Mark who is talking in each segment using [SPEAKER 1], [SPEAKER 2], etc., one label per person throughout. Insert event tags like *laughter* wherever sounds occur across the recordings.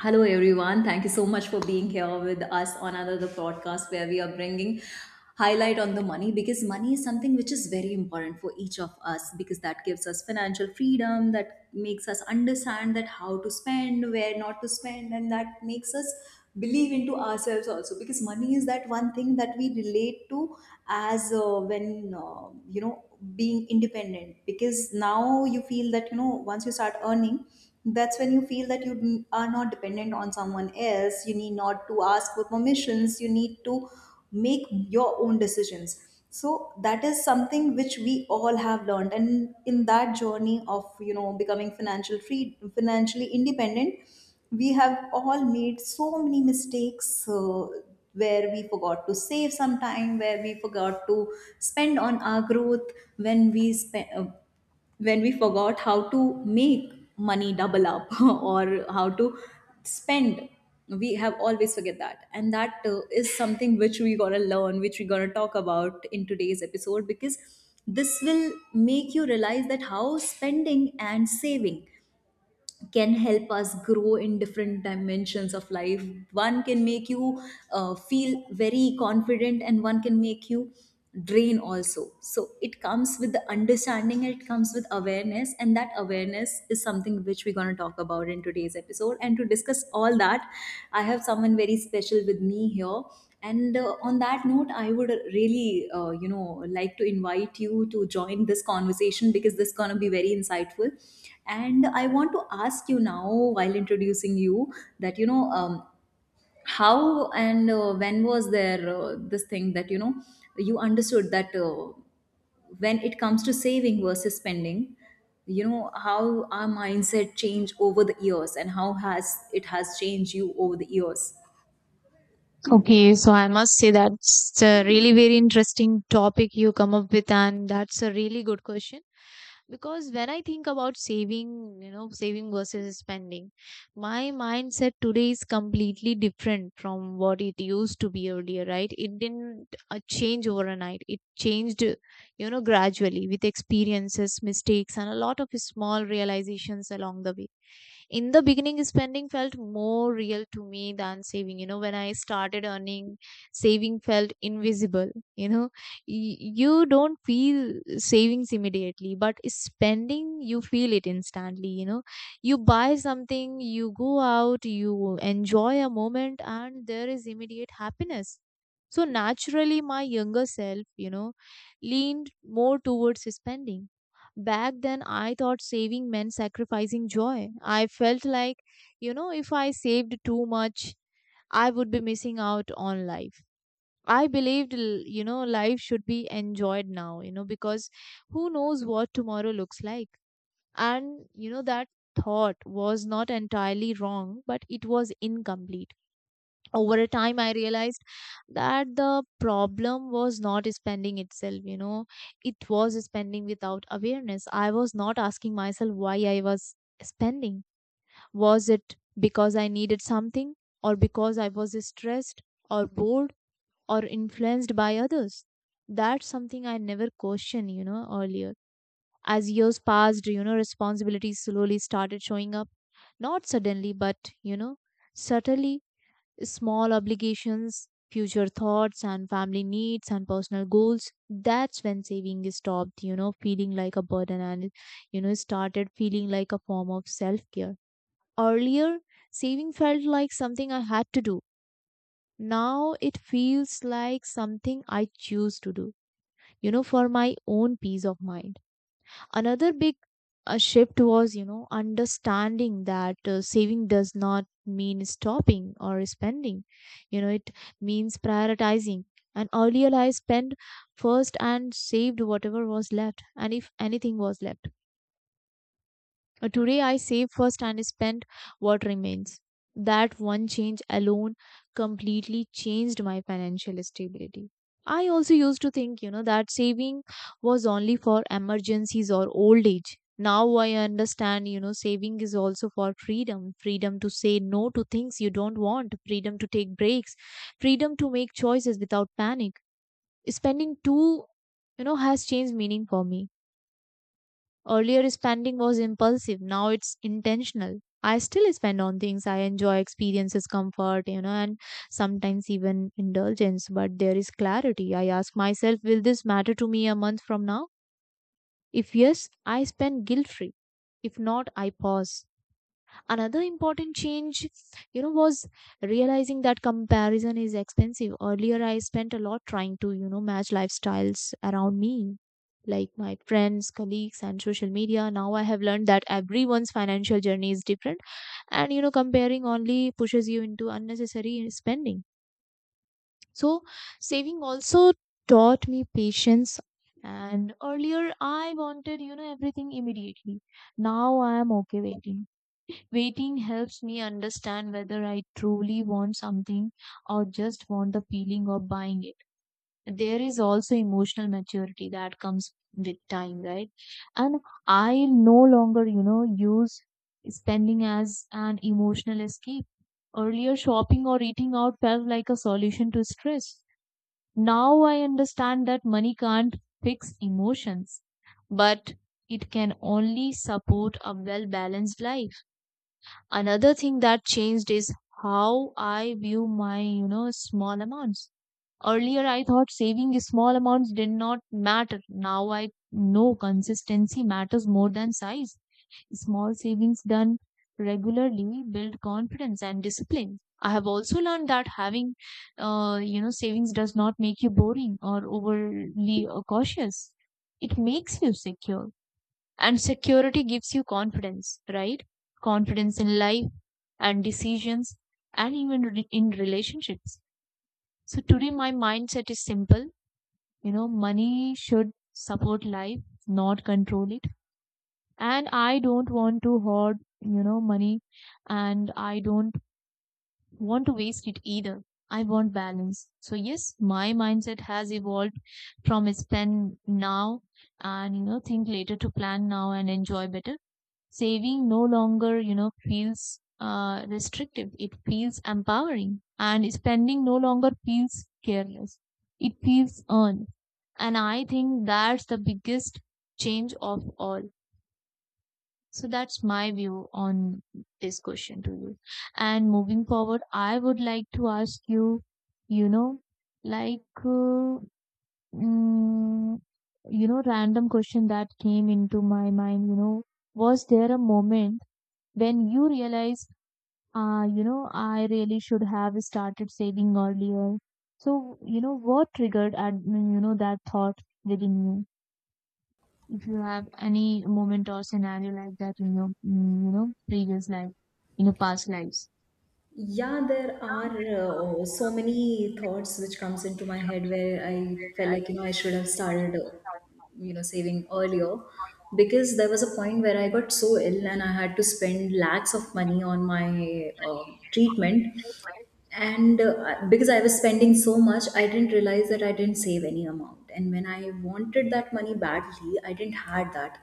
[SPEAKER 1] Hello, everyone. Thank you so much for being here with us on another podcast where we are bringing highlight on the money, because money is something which is very important for each of us, because that gives us financial freedom, that makes us understand that how to spend, where not to spend, and that makes us believe into ourselves also, because money is that one thing that we relate to as when you know being independent, because now you feel that once you start earning, that's when you feel that are not dependent on someone else, you need not to ask for permissions, you need to make your own decisions. So that is something which we all have learned, and in that journey of becoming financial free, financially independent, we have all made so many mistakes, where we forgot to save, some time where we forgot to spend on our growth, when we spend, when we forgot how to make money double up *laughs* or how to spend, we have always forget that. And that is something which we gonna learn, which we gonna talk about in today's episode, because this will make you realize that how spending and saving can help us grow in different dimensions of life. One can make you feel very confident, and one can make you drain also. So it comes with the understanding and it comes with awareness, and that awareness is something which we're going to talk about in today's episode. And to discuss all that, I have someone very special with me here, and on that note, I would really, like to invite you to join this conversation, because this is going to be very insightful. And I want to ask you now, while introducing you, that how and when was there this thing that you understood that when it comes to saving versus spending, how our mindset changed over the years, and how has it has changed you over the years.
[SPEAKER 2] Okay, so I must say that's a really very interesting topic you come up with, and that's a really good question. Because when I think about saving, saving versus spending, my mindset today is completely different from what it used to be earlier, right? It didn't change overnight. It changed, gradually with experiences, mistakes, and a lot of small realizations along the way. In the beginning, spending felt more real to me than saving. When I started earning, saving felt invisible. you know you don't feel savings immediately, but spending you feel it instantly. You buy something, you go out, you enjoy a moment, and there is immediate happiness. So naturally, my younger self, leaned more towards spending. Back then, I thought saving meant sacrificing joy. I felt like, if I saved too much, I would be missing out on life. I believed, life should be enjoyed now, because who knows what tomorrow looks like. And that thought was not entirely wrong, but it was incomplete. Over a time, I realized that the problem was not spending itself. It was spending without awareness. I was not asking myself why I was spending. Was it because I needed something, or because I was stressed, or bored, or influenced by others? That's something I never questioned, earlier. As years passed, responsibilities slowly started showing up, not suddenly but, subtly. Small obligations, future thoughts, and family needs and personal goals. That's when saving is stopped, feeling like a burden and, started feeling like a form of self care. Earlier, saving felt like something I had to do. Now it feels like something I choose to do, for my own peace of mind. Another big shift was, understanding that saving does not mean stopping or spending. It means prioritizing. And earlier I spent first and saved whatever was left, today I save first and spend what remains. That one change alone completely changed my financial stability. I also used to think, that saving was only for emergencies or old age. Now I understand, saving is also for freedom. Freedom to say no to things you don't want, freedom to take breaks, freedom to make choices without panic. Spending too, has changed meaning for me. Earlier, spending was impulsive, now it's intentional. I still spend on things I enjoy, experiences, comfort, and sometimes even indulgence, but there is clarity. I ask myself, will this matter to me a month from now? If yes, I spend guilt free. If not, I pause. Another important change, was realizing that comparison is expensive. Earlier, I spent a lot trying to, match lifestyles around me, like my friends, colleagues, and social media. Now I have learned that everyone's financial journey is different, and, comparing only pushes you into unnecessary spending. So, saving also taught me patience. And earlier, I wanted, everything immediately. Now I am okay waiting. Waiting helps me understand whether I truly want something or just want the feeling of buying it. There is also emotional maturity that comes with time, right? And I no longer, use spending as an emotional escape. Earlier, shopping or eating out felt like a solution to stress. Now I understand that money can't fix emotions, but it can only support a well balanced life. Another thing that changed is how I view my, small amounts. Earlier, I thought saving small amounts did not matter. Now I know consistency matters more than size. Small savings done regularly build confidence and discipline. I have also learned that having, savings does not make you boring or overly cautious. It makes you secure, and security gives you confidence, right? Confidence in life and decisions and even in relationships. So today my mindset is simple. Money should support life, not control it. And I don't want to hoard, money, and I don't want to waste it either. I want balance. So yes, my mindset has evolved from spend now and, think later, to plan now and enjoy better. Saving no longer, feels restrictive. It feels empowering. And spending no longer feels careless. It feels earned. And I think that's the biggest change of all. So that's my view on this question to you. And moving forward, I would like to ask you, you know like mm, random question that came into my mind. Was there a moment when you realize, I really should have started saving earlier. So, what triggered, and that thought within you, if you have any moment or scenario like that in your previous life, in your past lives.
[SPEAKER 1] Yeah, there are so many thoughts which comes into my head, where I felt like I should have started saving earlier, because there was a point where I got so ill and I had to spend lakhs of money on my treatment. And because I was spending so much, I didn't realize that I didn't save any amount, and when I wanted that money badly, I didn't had that,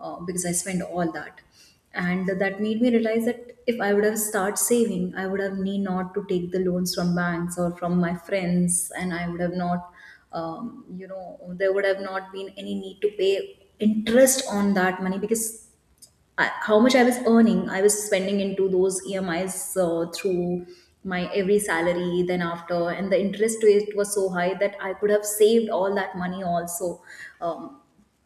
[SPEAKER 1] because I spent all that. And that made me realize that if I would have started saving, I would have need not to take the loans from banks or from my friends, and I would have not, there would have not been any need to pay interest on that money, because I, how much I was earning, I was spending into those EMIs, through my every salary. Then after, and the interest rate was so high that I could have saved all that money also. Um,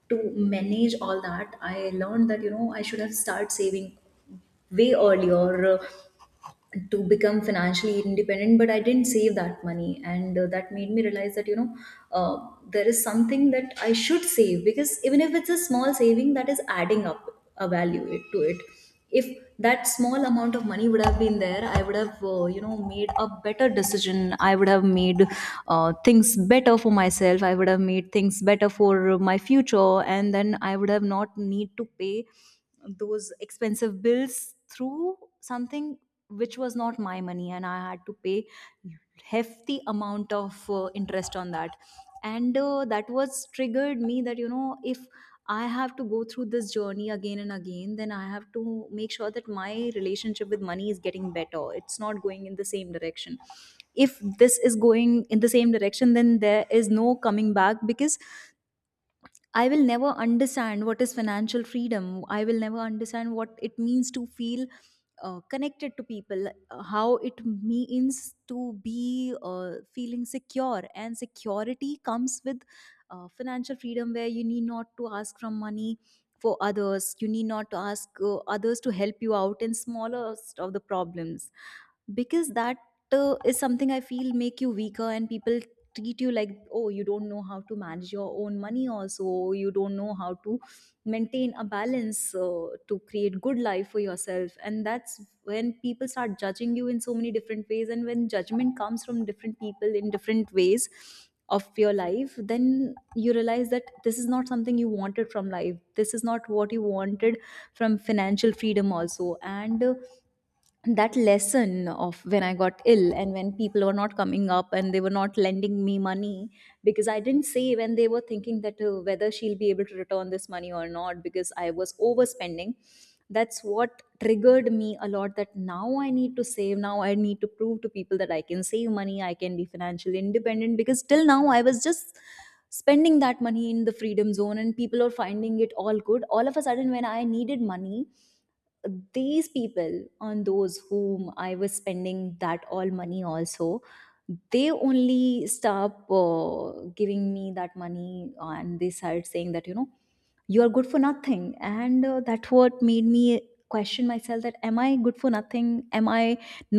[SPEAKER 1] to manage all that, I learned that I should have started saving way earlier to become financially independent, but I didn't save that money. And that made me realize that uh, there is something that I should save, because even if it's a small saving, that is adding up a value it, to it. If that small amount of money would have been there, I would have made a better decision, I would have made things better for myself, I would have made things better for my future, and then I would have not need to pay those expensive bills through something which was not my money, and I had to pay hefty amount of interest on that. And that was triggered me, that if I have to go through this journey again and again, then I have to make sure that my relationship with money is getting better, it's not going in the same direction. If this is going in the same direction, then there is no coming back, because I will never understand what is financial freedom. I will never understand what it means to feel connected to people, how it means to be feeling secure. And security comes with financial freedom, where you need not to ask from money for others, you need not to ask others to help you out in smaller of the problems, because that is something I feel make you weaker, and people treat you like, oh, you don't know how to manage your own money also, you don't know how to maintain a balance to create good life for yourself. And that's when people start judging you in so many different ways, and when judgment comes from different people in different ways of your life, then you realize that this is not something you wanted from life, this is not what you wanted from financial freedom also. And that lesson of when I got ill and when people were not coming up and they were not lending me money, because I didn't say when they were thinking that whether she'll be able to return this money or not, because I was overspending. That's what triggered me a lot, that now I need to save. Now I need to prove to people that I can save money, I can be financially independent, because till now I was just spending that money in the freedom zone and people are finding it all good. All of a sudden, when I needed money, these people on those whom I was spending that all money also, they only stop giving me that money, and they started saying that you are good for nothing. And that what made me question myself, that am I good for nothing, am I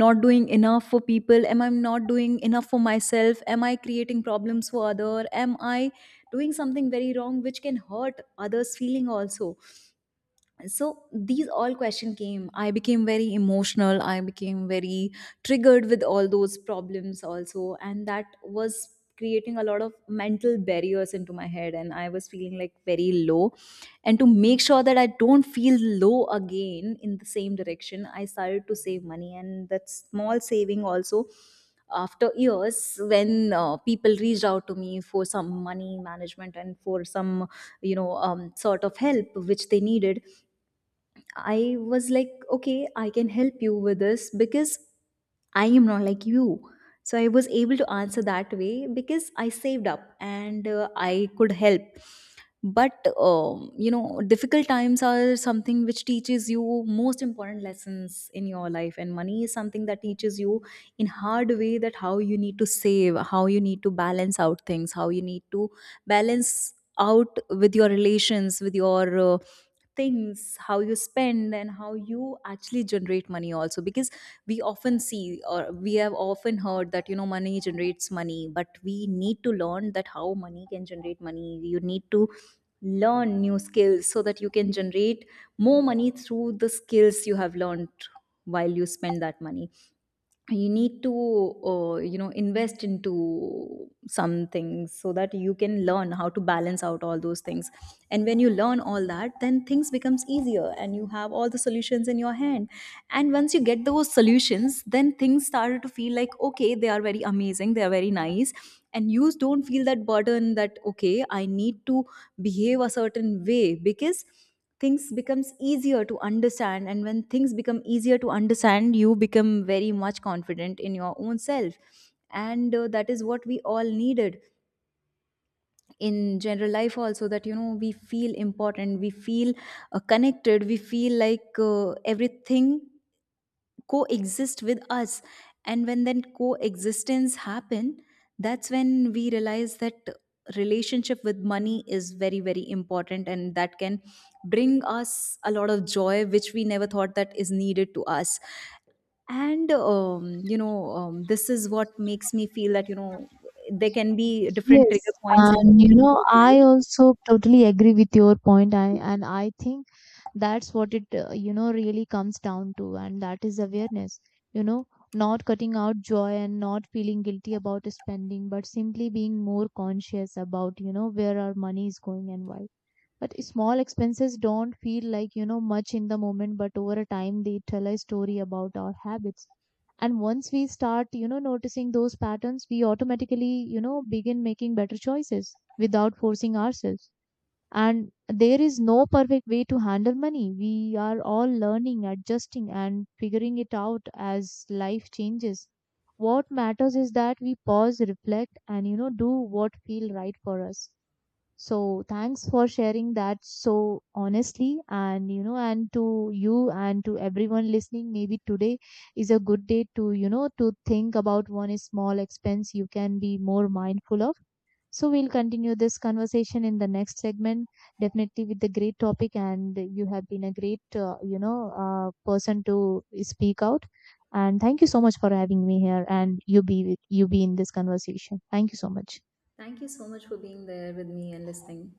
[SPEAKER 1] not doing enough for people, am I not doing enough for myself, am I creating problems for other, am I doing something very wrong which can hurt others feeling also. So these all question came, I became very emotional, I became very triggered with all those problems also, and that was creating a lot of mental barriers into my head, and I was feeling like very low. And to make sure that I don't feel low again in the same direction, I started to save money. And that small saving also, after years, when people reached out to me for some money management and for some sort of help which they needed, I was like, okay, I can help you with this, because I am not like you. So I was able to answer that way, because I saved up, and I could help. But difficult times are something which teaches you most important lessons in your life, and money is something that teaches you in hard way, that how you need to save, how you need to balance out things, how you need to balance out with your relations, with your things, how you spend and how you actually generate money also, because we often see, or we have often heard, that money generates money, but we need to learn that how money can generate money. You need to learn new skills so that you can generate more money through the skills you have learned. While you spend that money, you need to invest into some things so that you can learn how to balance out all those things. And when you learn all that, then things becomes easier and you have all the solutions in your hand. And once you get those solutions, then things started to feel like, okay, they are very amazing, they are very nice, and you don't feel that burden that, okay, I need to behave a certain way, because things becomes easier to understand. And when things become easier to understand, you become very much confident in your own self. And that is what we all needed in general life also, that we feel important, we feel connected, we feel like everything coexist with us. And when then coexistence happen, that's when we realize that relationship with money is very very important, and that can bring us a lot of joy which we never thought that is needed to us. And this is what makes me feel that there can be different
[SPEAKER 2] Yes,
[SPEAKER 1] trigger points in.
[SPEAKER 2] and, I also totally agree with your point, and I think that's what it really comes down to, and that is awareness. you know Not cutting out joy and not feeling guilty about spending, but simply being more conscious about, where our money is going and why. But small expenses don't feel like, much in the moment, but over a time they tell a story about our habits. And once we start, noticing those patterns, we automatically, begin making better choices without forcing ourselves. And there is no perfect way to handle money. We are all learning, adjusting, and figuring it out as life changes. What matters is that we pause, reflect, and do what feel right for us. So thanks for sharing that so honestly. And to you and to everyone listening, maybe today is a good day to you know to think about one small expense you can be more mindful of. So we'll continue this conversation in the next segment, definitely with the great topic. And you have been a great, person to speak out. And thank you so much for having me here, and you be in this conversation. Thank you so much.
[SPEAKER 1] Thank you so much for being there with me and listening.